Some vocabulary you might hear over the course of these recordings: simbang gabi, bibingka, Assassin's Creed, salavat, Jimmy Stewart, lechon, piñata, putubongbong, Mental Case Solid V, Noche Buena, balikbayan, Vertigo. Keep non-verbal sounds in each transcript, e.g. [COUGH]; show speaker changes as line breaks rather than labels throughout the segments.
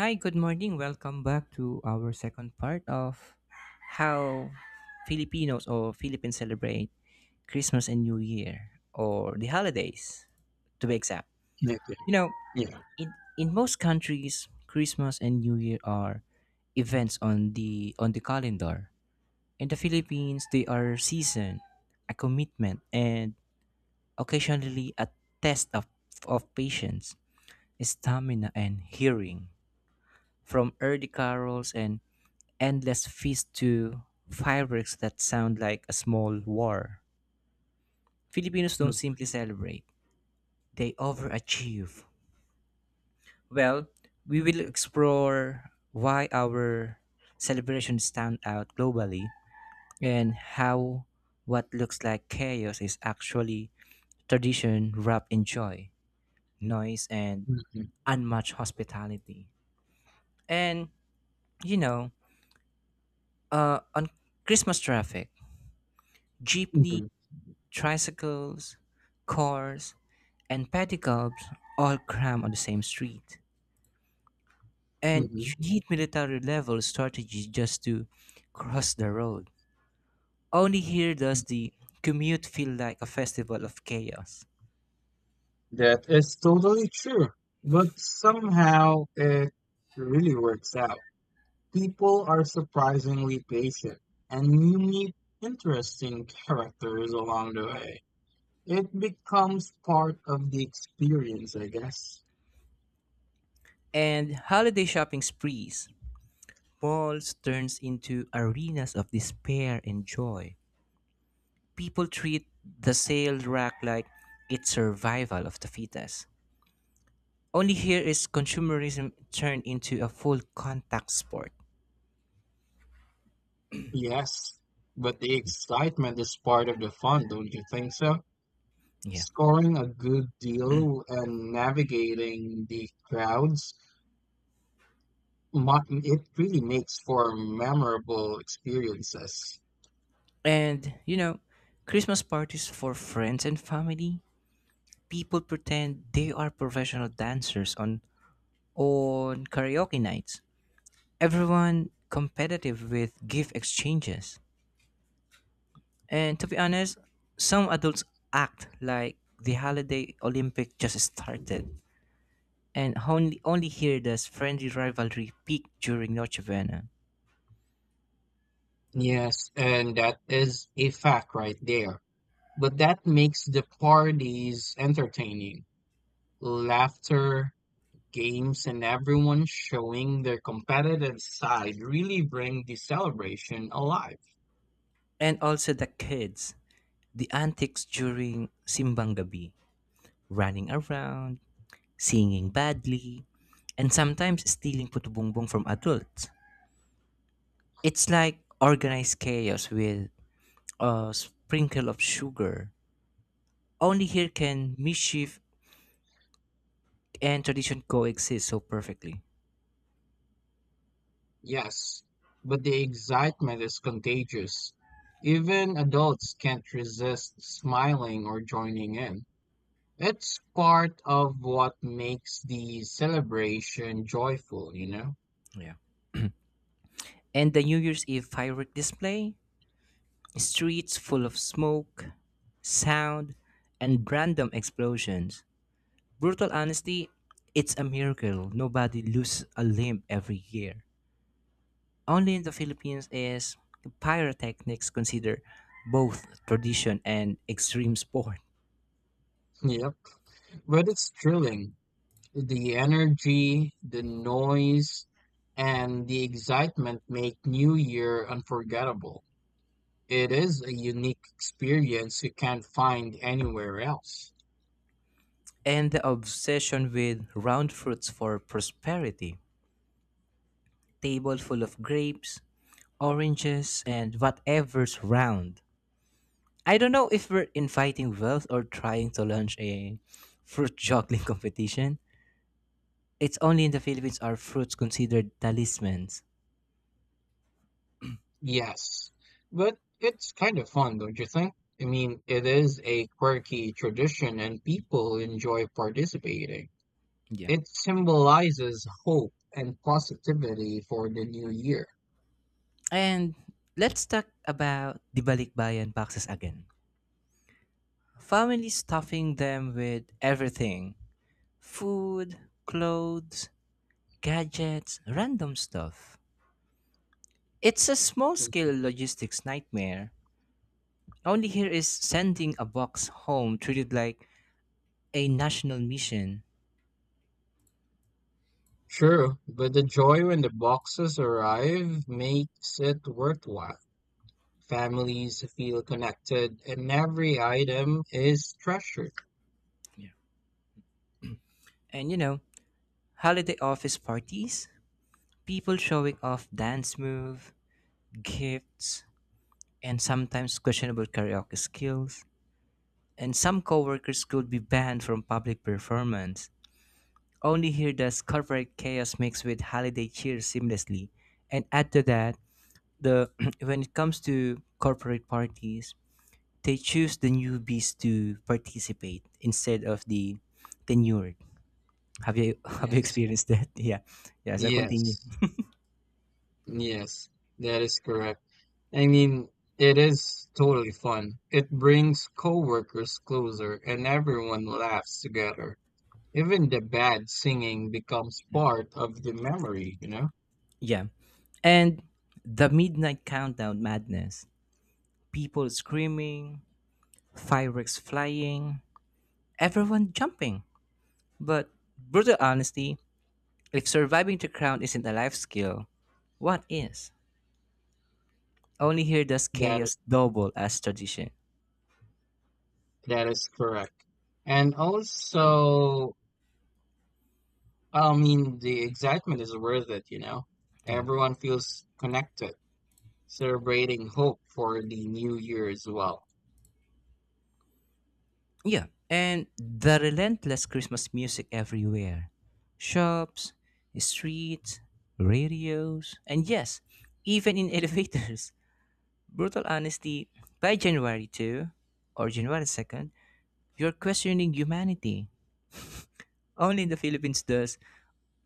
Hi, good morning. Welcome back to our second part of how Filipinos or Philippines celebrate Christmas and New Year or the holidays to be exact.
Definitely.
You know,
Yeah.
in, in most countries, Christmas and New Year are events on the calendar. In the Philippines, they are season, a commitment, and occasionally a test of patience, stamina, and hearing. From early carols and endless feast to fireworks that sound like a small war. Filipinos don't
Mm,
simply celebrate, they overachieve. Well, we will explore why our celebrations stand out globally and how what looks like chaos is actually tradition wrapped in joy, noise, and
mhm,
unmatched hospitality. And, you know, on Christmas traffic, jeepney
mhm,
tricycles, cars, and pedicabs all cram on the same street. And you
mhm,
need military level strategies just to cross the road. Only here does
mm.
the commute feel like a festival of chaos.
That is totally true. But somehow it really works out. People are surprisingly patient, and you meet interesting characters along the way. It becomes part of the experience, I guess.
And holiday shopping sprees, malls turns into arenas of despair and joy. People treat the sale rack like it's survival of the fittest. Only here is consumerism turned into a full contact sport.
Yes, but the excitement is part of the fun, don't you think so?
Yeah.
Scoring a good deal and navigating the crowds, it really makes for memorable experiences.
And Christmas parties for friends and family, people pretend they are professional dancers on karaoke nights. Everyone competitive with gift exchanges. And to be honest, some adults act like the holiday Olympic just started. And only here does friendly rivalry peak during Noche Buena.
Yes, and that is a fact right there. But that makes the parties entertaining. Laughter, games, and everyone showing their competitive side really bring the celebration alive.
And also the kids. The antics during simbang gabi, running around, singing badly, and sometimes stealing putubongbong from adults. It's like organized chaos with a sprinkle of sugar. Only here can mischief and tradition coexist so perfectly.
Yes, but the excitement is contagious. Even adults can't resist smiling or joining in. It's part of what makes the celebration joyful, you know? [LAUGHS]
Yeah. And the New Year's Eve firework display, streets full of smoke, sound, and random explosions. Brutal honesty, it's a miracle. Nobody loses a limb every year. Only in the Philippines is pyrotechnics considered both tradition and extreme sport.
Yep. But it's thrilling. The energy, the noise, and the excitement make New Year unforgettable. It is a unique experience you can't find anywhere else.
And the obsession with round fruits for prosperity. Table full of grapes, oranges, and whatever's round. I don't know if we're inviting wealth or trying to launch a fruit juggling [LAUGHS] competition. It's only in the Philippines are fruits considered talismans.
Yes. But it's kind of fun, don't you think? I mean, it is a quirky tradition and people enjoy participating.
Yeah.
It symbolizes hope and positivity for the new year.
And let's talk about the balikbayan boxes again. Families stuffing them with everything food, clothes, gadgets, random stuff. It's a small
Mm.
scale logistics nightmare. Only here is sending a box home treated like a national mission.
Sure, but the joy when the boxes arrive makes it worthwhile. Families feel connected and every item is treasured.
Yeah. And holiday office parties, people showing off dance move, gifts, and sometimes questionable karaoke skills. And some coworkers could be banned from public performance. Only here does corporate chaos mix with holiday cheer seamlessly. And add to that, the [CLEARS THROAT] when it comes to corporate parties, they choose the newbies to participate instead of the tenured. Have you [LAUGHS] have you
Yes.
experienced that? [LAUGHS] Yeah. Yeah, so continue.
Yes, yes, that is correct. I mean, it is totally fun. It brings coworkers closer and everyone laughs together. Even the bad singing becomes part of the memory, you know?
Yeah. And the midnight countdown madness. People screaming, fireworks flying, everyone jumping. But brutal honesty, if surviving the crown isn't a life skill, what is? Only here does
That
chaos double as tradition.
that is correct. And also, I mean, the excitement is worth it, you know.
Yeah.
Everyone feels connected, celebrating hope for the new year as well.
Yeah. And the relentless Christmas music everywhere. Shops, streets, radios, and yes, even in [LAUGHS] elevators. Brutal honesty, by January 2 or January 2nd, you're questioning humanity. Only in the Philippines does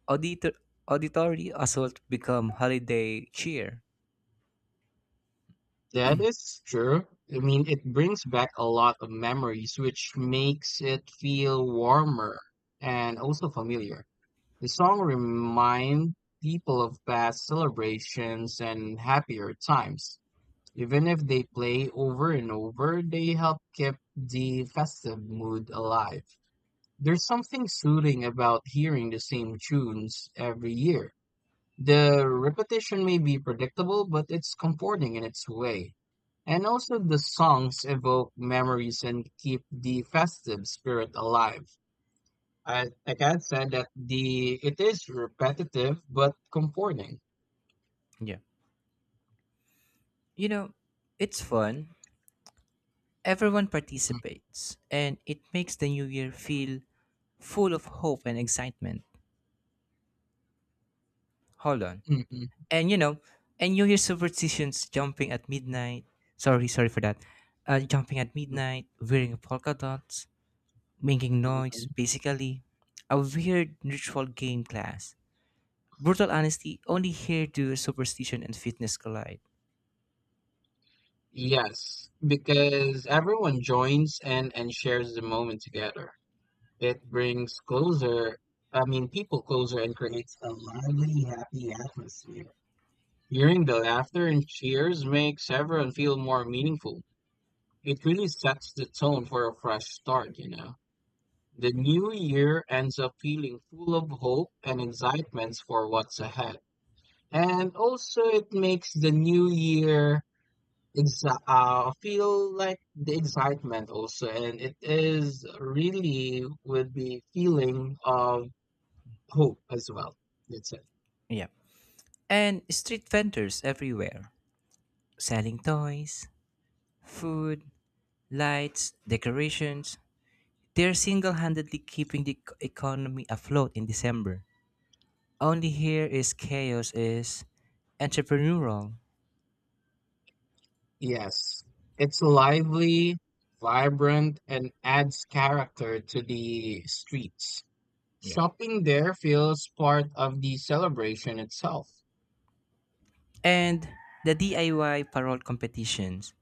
auditor- auditory assault become holiday cheer.
That is true. I mean, it brings back a lot of memories, which makes it feel warmer and also familiar. The song reminds people of past celebrations and happier times. Even if they play over and over, they help keep the festive mood alive. There's something soothing about hearing the same tunes every year. The repetition may be predictable, but it's comforting in its way. And also, the songs evoke memories and keep the festive spirit alive. I, like I said, that the it is repetitive but comforting.
Yeah. You know, it's fun. Everyone
[LAUGHS]
participates, and it makes the new year feel full of hope and excitement. Hold on.
Mm, mm,
And you know, and New Year superstitions jumping at midnight. Sorry, sorry for that. Jumping at
mm,
midnight, wearing polka dots, making
mm, mm,
noise,
mm.
basically. A weird ritual game class. Brutal honesty, only here do superstition and fitness collide.
Yes, because everyone joins in and shares the moment together. It brings closer, I mean, people closer and creates a lively, happy atmosphere. Hearing the laughter and cheers makes everyone feel more meaningful. It really sets the tone for a fresh start, you know. The new year ends up feeling full of hope and excitements for what's ahead. And also, it makes the new year feel like the excitement also, and it is really with the feeling of hope as well. That's it.
Yeah. And street vendors everywhere selling toys, food, lights, decorations. They're single handedly keeping the economy afloat in December. Only here is chaos is entrepreneurial.
Yes, it's lively, vibrant, and adds character to the streets.
Yeah.
Shopping there feels part of the celebration itself.
And the DIY parole competitions.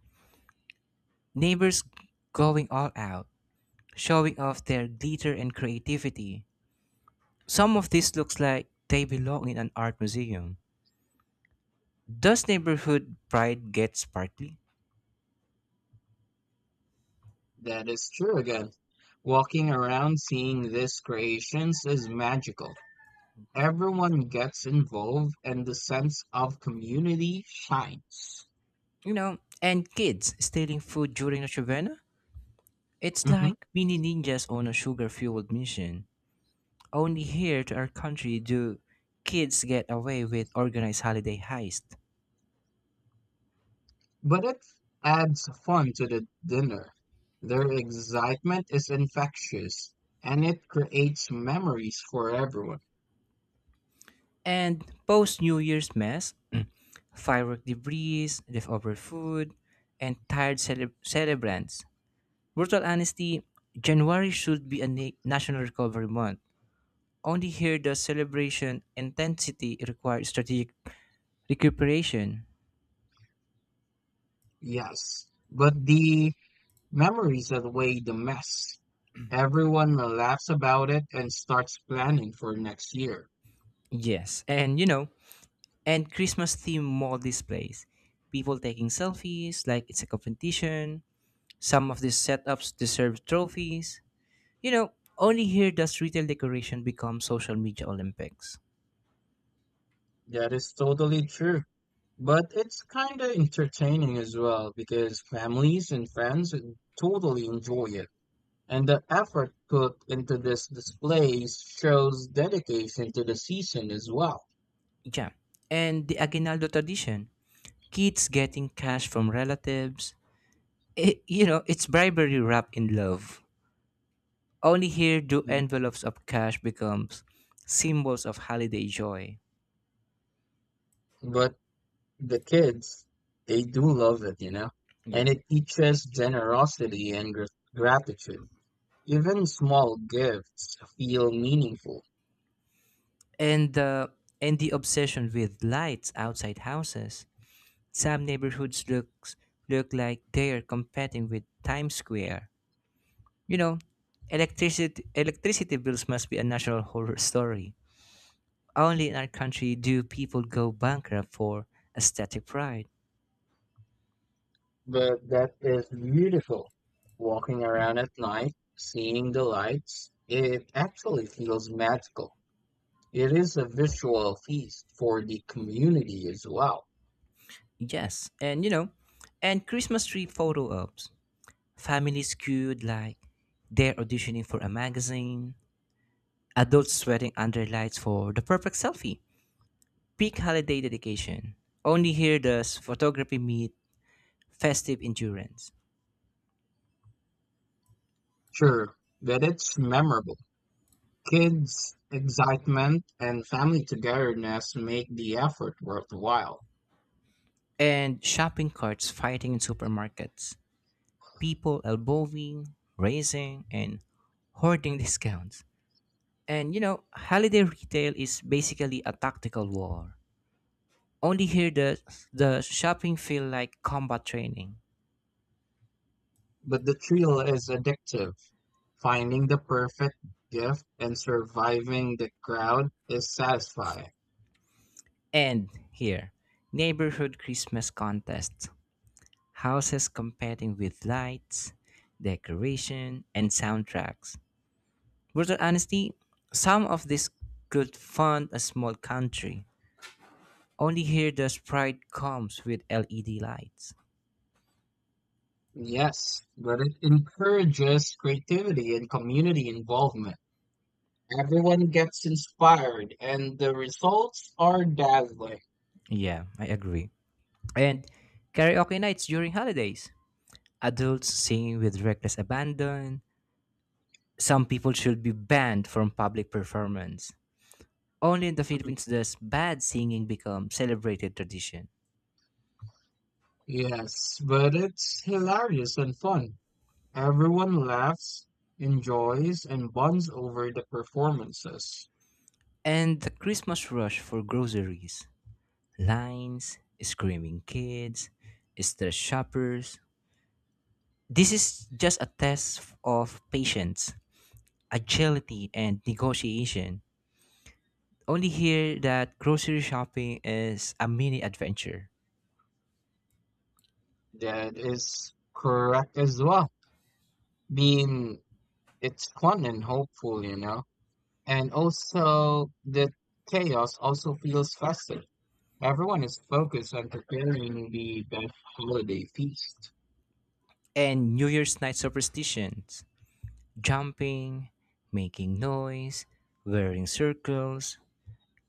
Neighbors going all out, showing off their glitter and creativity. Some of this looks like they belong in an art museum. Does neighborhood pride get sparkly?
That is true again. Walking around seeing these creations is magical. Everyone gets involved and the sense of community shines.
And kids stealing food during the Shavana? It's
Mhm.
like mini ninjas on a sugar fueled mission. Only here to our country do kids get away with organized holiday heist.
But it adds fun to the dinner. Their excitement is infectious and it creates memories for everyone.
And post New Year's mess, [CLEARS THROAT] firework debris, leftover food, and tired celebrants. Brutal honesty, January should be a national recovery month. Only here does celebration intensity require strategic recuperation.
Yes, but the memories outweigh the mess. Everyone laughs about it and starts planning for next year.
Yes, and Christmas theme mall displays. People taking selfies like it's a competition. Some of these setups deserve trophies. You know, Only here does retail decoration become social media Olympics.
That is totally true. But it's kind of entertaining as well because families and friends totally enjoy it. And the effort put into this displays shows dedication to the season as well.
Yeah. And the Aguinaldo tradition. Kids getting cash from relatives. It's bribery wrapped in love. Only here do envelopes of cash becomes symbols of holiday joy.
But the kids, they do love it, you know? And
Yeah.
it teaches generosity and gratitude. Even small gifts feel meaningful.
and the and the obsession with lights outside houses. Some neighborhoods look like they are competing with Times Square. You know, electricity bills must be a national horror story. Only in our country do people go bankrupt for aesthetic pride.
But that is beautiful. Walking around at night, seeing the lights, it actually feels magical. It is a visual feast for the community as well.
Yes, and Christmas tree photo ops. Families queued like they're auditioning for a magazine. Adults sweating under lights for the perfect selfie peak holiday dedication. Only here does photography meet festive endurance.
Sure, but it's memorable. Kids' excitement and family togetherness make the effort worthwhile.
And shopping carts fighting in supermarkets, people elbowing, raising, and hoarding [LAUGHS] discounts. And holiday retail is basically a tactical war. Only here does the shopping feel like combat training.
But the thrill is addictive. Finding the perfect gift and surviving the crowd is satisfying.
And here, neighborhood Christmas contests, houses competing with lights, decoration, and soundtracks. Brutal honesty, some of this could fund a small country. Only here the sprite comes with LED lights.
Yes, but it encourages creativity and community involvement. Everyone gets inspired, and the results are dazzling.
Yeah, I agree. And karaoke nights during holidays. Adults singing with reckless abandon. Some people should be banned from public performance. Only in the Philippines does bad singing become celebrated tradition.
Yes, but it's hilarious and fun. Everyone laughs, enjoys, and bonds over the performances.
And the Christmas rush for groceries. Lines, screaming kids, stressed shoppers. This is just a test of patience, agility, and negotiation. Only here that grocery shopping is a mini adventure.
That is correct as well. Being It's fun and hopeful, you know. And also the chaos also feels festive. Everyone is focused on preparing the best holiday feast.
And New Year's night superstitions jumping, making noise, wearing circles.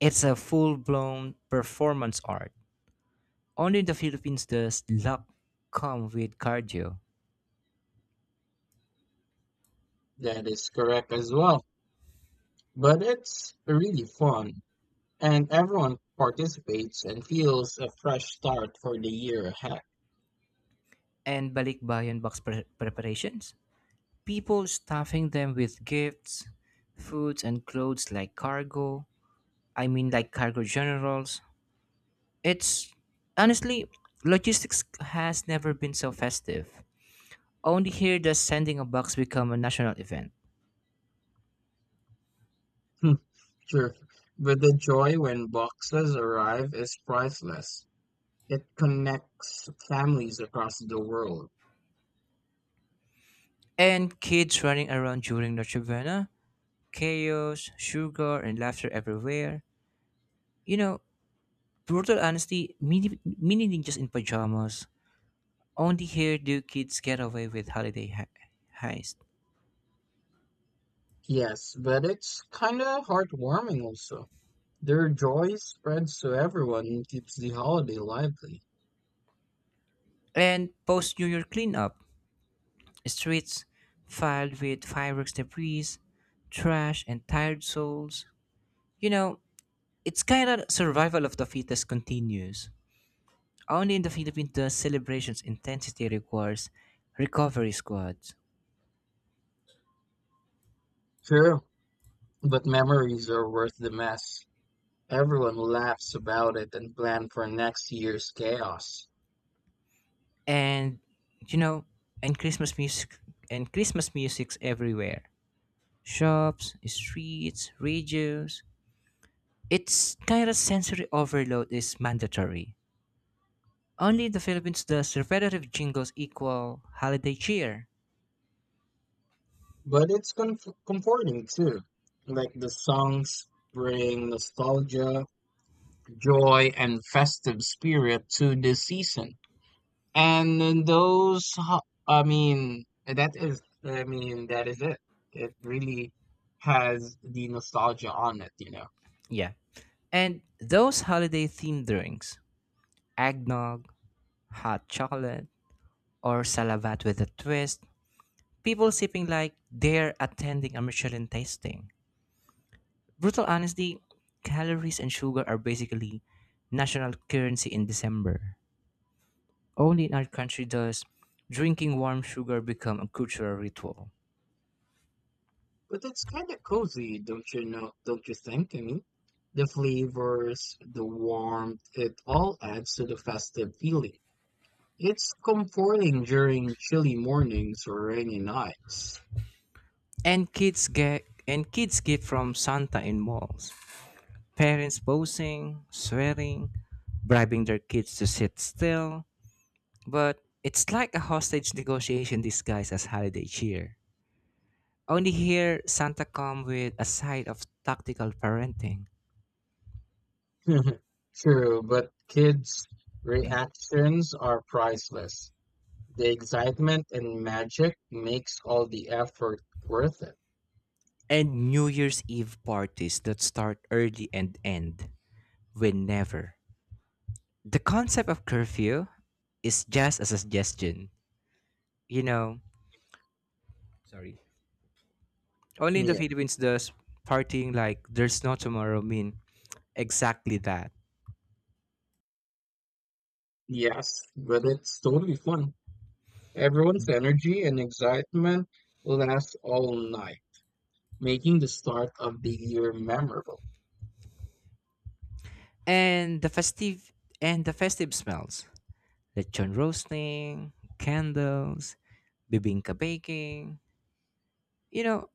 It's a full blown performance art. Only in the Philippines does luck come with cardio
That is correct as well. But it's really fun, and everyone participates and feels a fresh start for the year ahead.
and balikbayan box preparations. People stuffing them with gifts, foods, and clothes like cargo. I mean, like cargo generals. It's honestly, logistics has never been so festive. Only here does sending a box become a national event.
[LAUGHS] Sure. But the joy when boxes arrive is priceless. It connects families across the world.
And kids running around during Noche Buena, chaos, sugar, and laughter everywhere. You know, Brutal honesty, mini ninjas in pajamas. Only here do kids get away with holiday heist.
Yes, but it's kind of heartwarming also. Their joy spreads to everyone and keeps the holiday lively.
And post New Year cleanup, streets filled with fireworks debris, trash, and tired souls. You know, it's kind of survival of the fittest continues. Only in the Philippines, the celebration's intensity requires recovery squads.
Sure. But memories are worth the mess. Everyone laughs about it and plan for next year's chaos.
And, you know, and Christmas music, and Christmas music's everywhere. Shops, streets, radios. It's kind of sensory overload is mandatory. Only in the Philippines does repetitive jingles equal holiday cheer.
But it's comforting too. Like the songs bring nostalgia, joy, and festive spirit to the season. And then those, ho- I mean, that is, I mean, that is it. It really has the nostalgia on it, you know.
Yeah. And those holiday themed drinks, eggnog, hot chocolate, or salavat with a twist, people sipping like they're attending a Michelin tasting. Brutal honesty, calories and sugar are basically national currency in December. Only in our country does drinking warm sugar become a cultural ritual.
But that's kind of cozy, don't you know? Don't you think? I mean, the flavors, the warmth, it all adds to the festive feeling. It's comforting during chilly mornings or rainy nights.
And kids get from Santa in malls. Parents posing, swearing, bribing their kids to sit still. But it's like a hostage negotiation disguised as holiday cheer. Only here, Santa come with a side of tactical parenting.
[LAUGHS] True, but kids' reactions are priceless. The excitement and magic makes all the effort worth it.
And New Year's Eve parties that start early and end whenever. The concept of curfew is just a suggestion. You know, Sorry. Only in the
Yeah,
Philippines does partying like there's no tomorrow mean exactly that.
yes, but it's totally fun. Everyone's energy and excitement lasts all night, making the start of the year memorable.
And the festive and the festive smells. Lechon roasting, candles, bibingka baking. You know,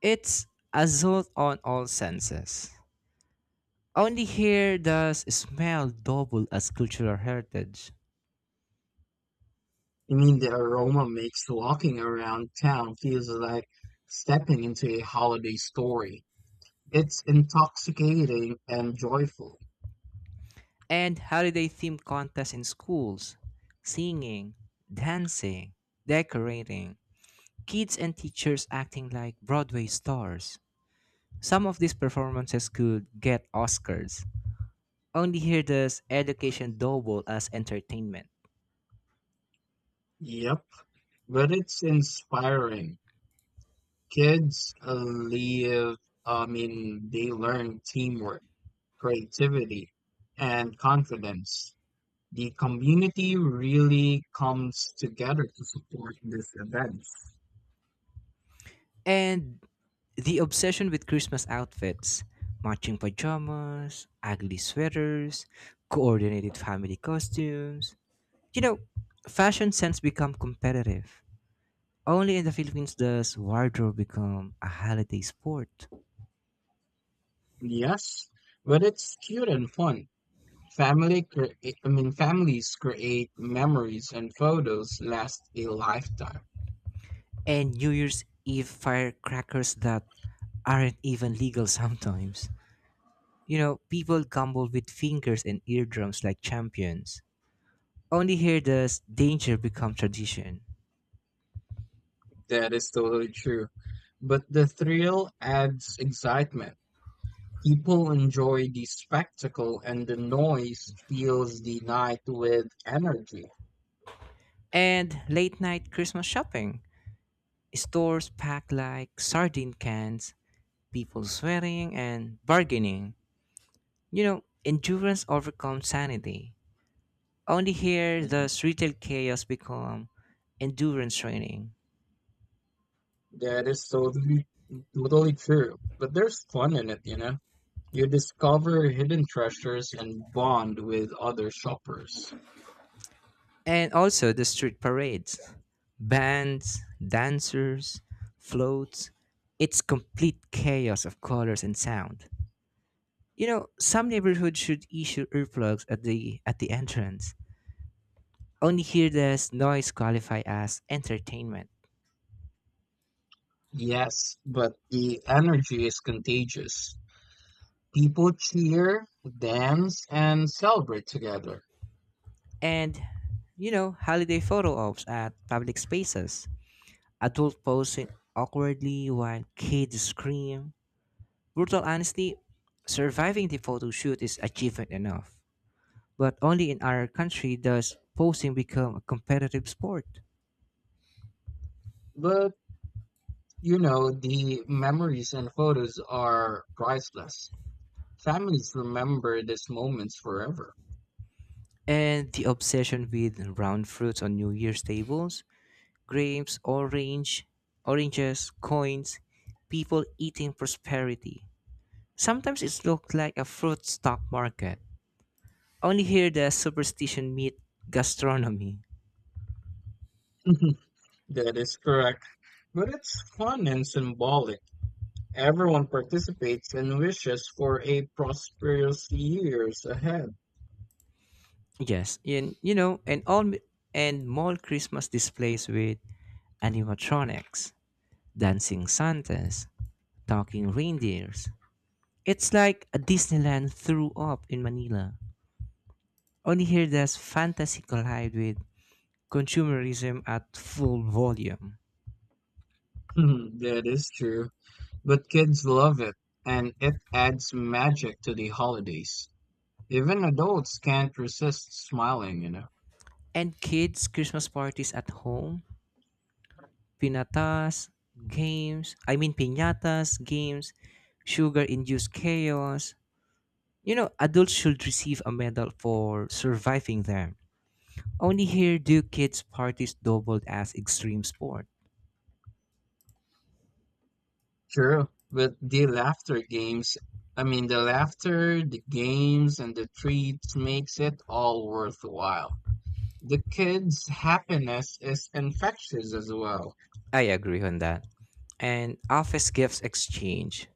it's assault on all senses. Only here does smell double as cultural heritage.
I mean, the aroma makes walking around town feels like stepping into a holiday story. It's intoxicating and joyful.
And holiday themed contests in schools, singing, dancing, decorating, kids and teachers acting like Broadway stars. Some of these performances could get Oscars. Only here does education double as entertainment.
Yep, but it's inspiring. Kids live, I mean, they learn teamwork, creativity, and confidence. The community really comes together to support this event.
And the obsession with Christmas outfits, matching pajamas, ugly sweaters, coordinated family costumes. You know, Fashion sense become competitive. Only in the Philippines does wardrobe become a holiday sport.
Yes, but it's cute and fun. Family, cre- I mean, families create memories and photos last a lifetime.
And New Year's Eve firecrackers that aren't even legal [LAUGHS] sometimes. People gamble with fingers and eardrums like champions. Only here does danger become tradition.
That is totally true. But the thrill adds excitement. People enjoy the spectacle, and the noise fills the night with energy.
And late night Christmas shopping. Stores packed like sardine cans, people swearing and bargaining. Endurance overcomes sanity. Only here
Mhm.
does retail chaos become endurance training.
That is totally true. But there's fun in it, you know. You discover hidden treasures and bond with other shoppers.
And also the street parades. Bands, dancers, floats. It's complete chaos of colors and sound. Some neighborhoods should issue earplugs at the entrance. Only heedless noise qualify as entertainment.
Yes, but the energy is contagious. People cheer, dance, and celebrate together.
And holiday photo ops at public spaces. Adult posing awkwardly while kids scream. Brutal honesty, surviving the photo shoot is achievement enough. But only in our country does posing become a competitive sport.
But, you know, the memories and photos are priceless. Families remember these moments forever.
And the obsession with round fruits on New Year's tables grapes, oranges, coins, people eating prosperity. Sometimes it looked like a fruit stock market. Only here the superstition meet gastronomy.
[LAUGHS] That is correct. But it's fun and symbolic. Everyone participates and wishes for a prosperous years ahead.
Yes, and you know, and all and mall Christmas displays with animatronics, dancing Santas, talking reindeers. It's like a Disneyland threw up in Manila. Only here does fantasy collide with consumerism at full volume.
[LAUGHS] That is true. But kids love it, and it adds magic to the holidays. Even adults can't resist smiling, you know.
And kids' Christmas parties at home, pinatas, I mean piñatas, games, sugar-induced chaos. Adults should receive a medal for surviving them. Only here do kids' parties doubled as extreme sport.
True. But the laughter, the games, and the treats makes it all worthwhile. The kids' happiness is infectious as well.
I agree on that. And office gifts exchange,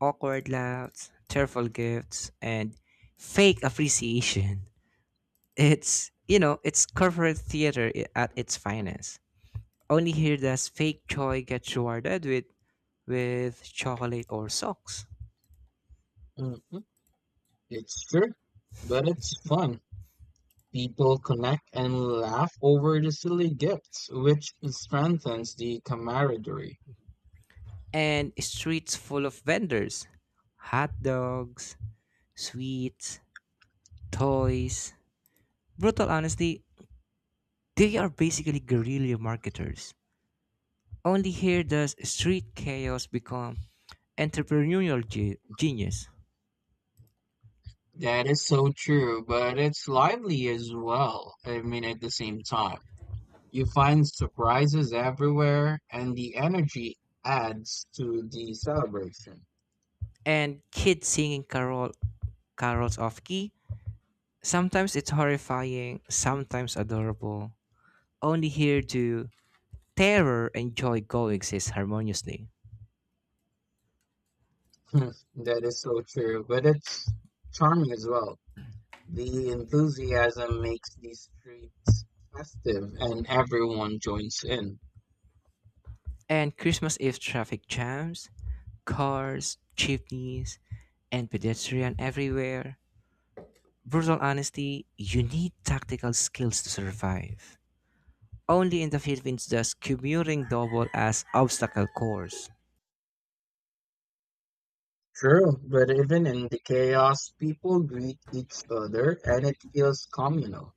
awkward laughs, tearful gifts, and fake appreciation. It's corporate theater at its finest. Only here does fake joy get rewarded with chocolate or socks.
Mhm. It's true, but it's fun. People connect and laugh over the silly gifts, which strengthens the camaraderie.
And streets full of vendors, hot dogs, sweets, toys. Brutal honesty, they are basically guerrilla marketers. Only here does street chaos become entrepreneurial genius.
That is so true, but it's lively as well. I mean, at the same time, you find surprises everywhere, and the energy adds to the celebration. [LAUGHS]
And kids singing carols off key. Sometimes it's horrifying, sometimes adorable. Only here do terror and joy coexist harmoniously.
Hmm, That is so true, but it's charming as well. The enthusiasm makes the streets festive, and everyone joins in.
And Christmas Eve traffic jams, cars, chimneys, and pedestrian everywhere. Brutal honesty, you need tactical skills to survive. Only in the Philippines does commuting double as obstacle course.
True, but even in the chaos, people greet each other, and it feels communal.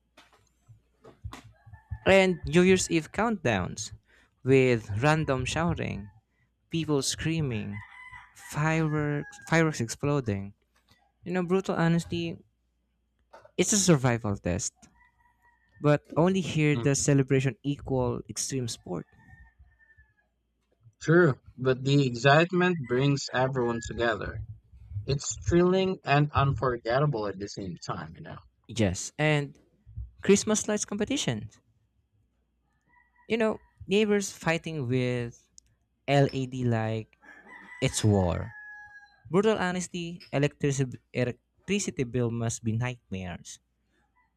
And New Year's Eve countdowns with random shouting, people screaming, fireworks exploding. Brutal honesty, it's a survival test, but only here does celebration equal extreme sport.
True, but the excitement brings everyone together. It's thrilling and unforgettable at the same time, you know.
Yes, and Christmas lights competition. You know, Neighbors fighting with LED like it's war. Brutal honesty, electricity bill must be nightmares.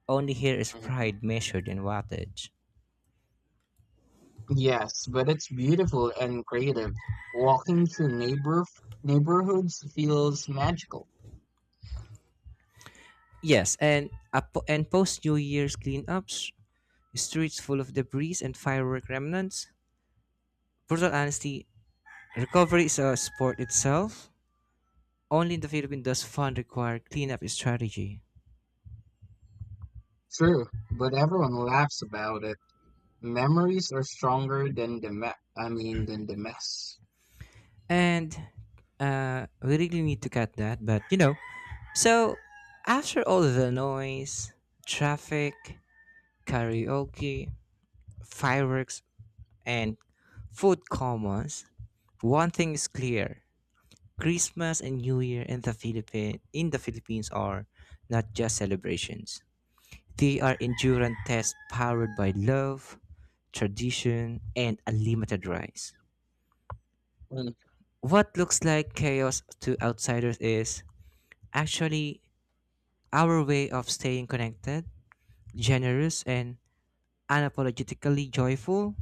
Only here is
Mhm.
pride measured in wattage.
Yes, but it's beautiful and creative. Walking through neighborhoods feels magical.
Yes, and post New Year's cleanups, streets full of debris and firework remnants. Brutal honesty, recovery is a sport itself. Only in the Philippines does fund require cleanup strategy.
True, but everyone laughs about it. Memories are stronger than the me- I mean than the mess.
And we really need to cut that. But, so after all the noise, traffic, karaoke, fireworks, and food commons, one thing is clear. Christmas and New Year in the Philippines are not just celebrations. They are endurance tests powered by love, tradition, and unlimited rice.
Mhm.
What looks like chaos to outsiders is actually our way of staying connected, generous, and unapologetically joyful.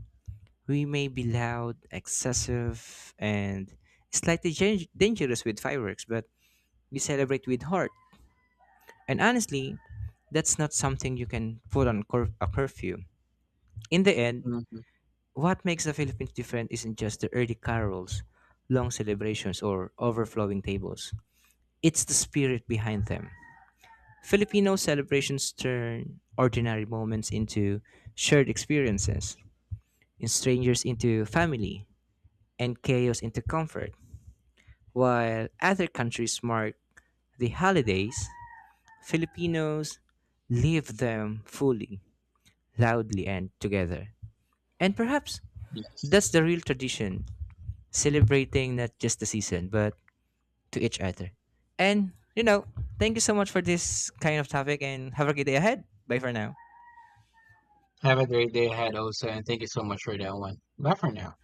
We may be loud, excessive, and slightly dangerous with fireworks, but we celebrate with heart. And honestly, that's not something you can put on a curfew. In the end, what makes the Philippines different isn't just the early carols, long celebrations, or overflowing tables. It's the spirit behind them. Filipino celebrations turn ordinary moments into shared experiences, in strangers into family, and chaos into comfort. While other countries mark the holidays, Filipinos live them fully, loudly, and together. And perhaps
Yes.
that's the real tradition, celebrating not just the season, but to each other. And, you know, Thank you so much for this kind of topic and have a great day ahead. Bye for now.
Have a great day ahead, Osa, and thank you so much for that one. Bye for now.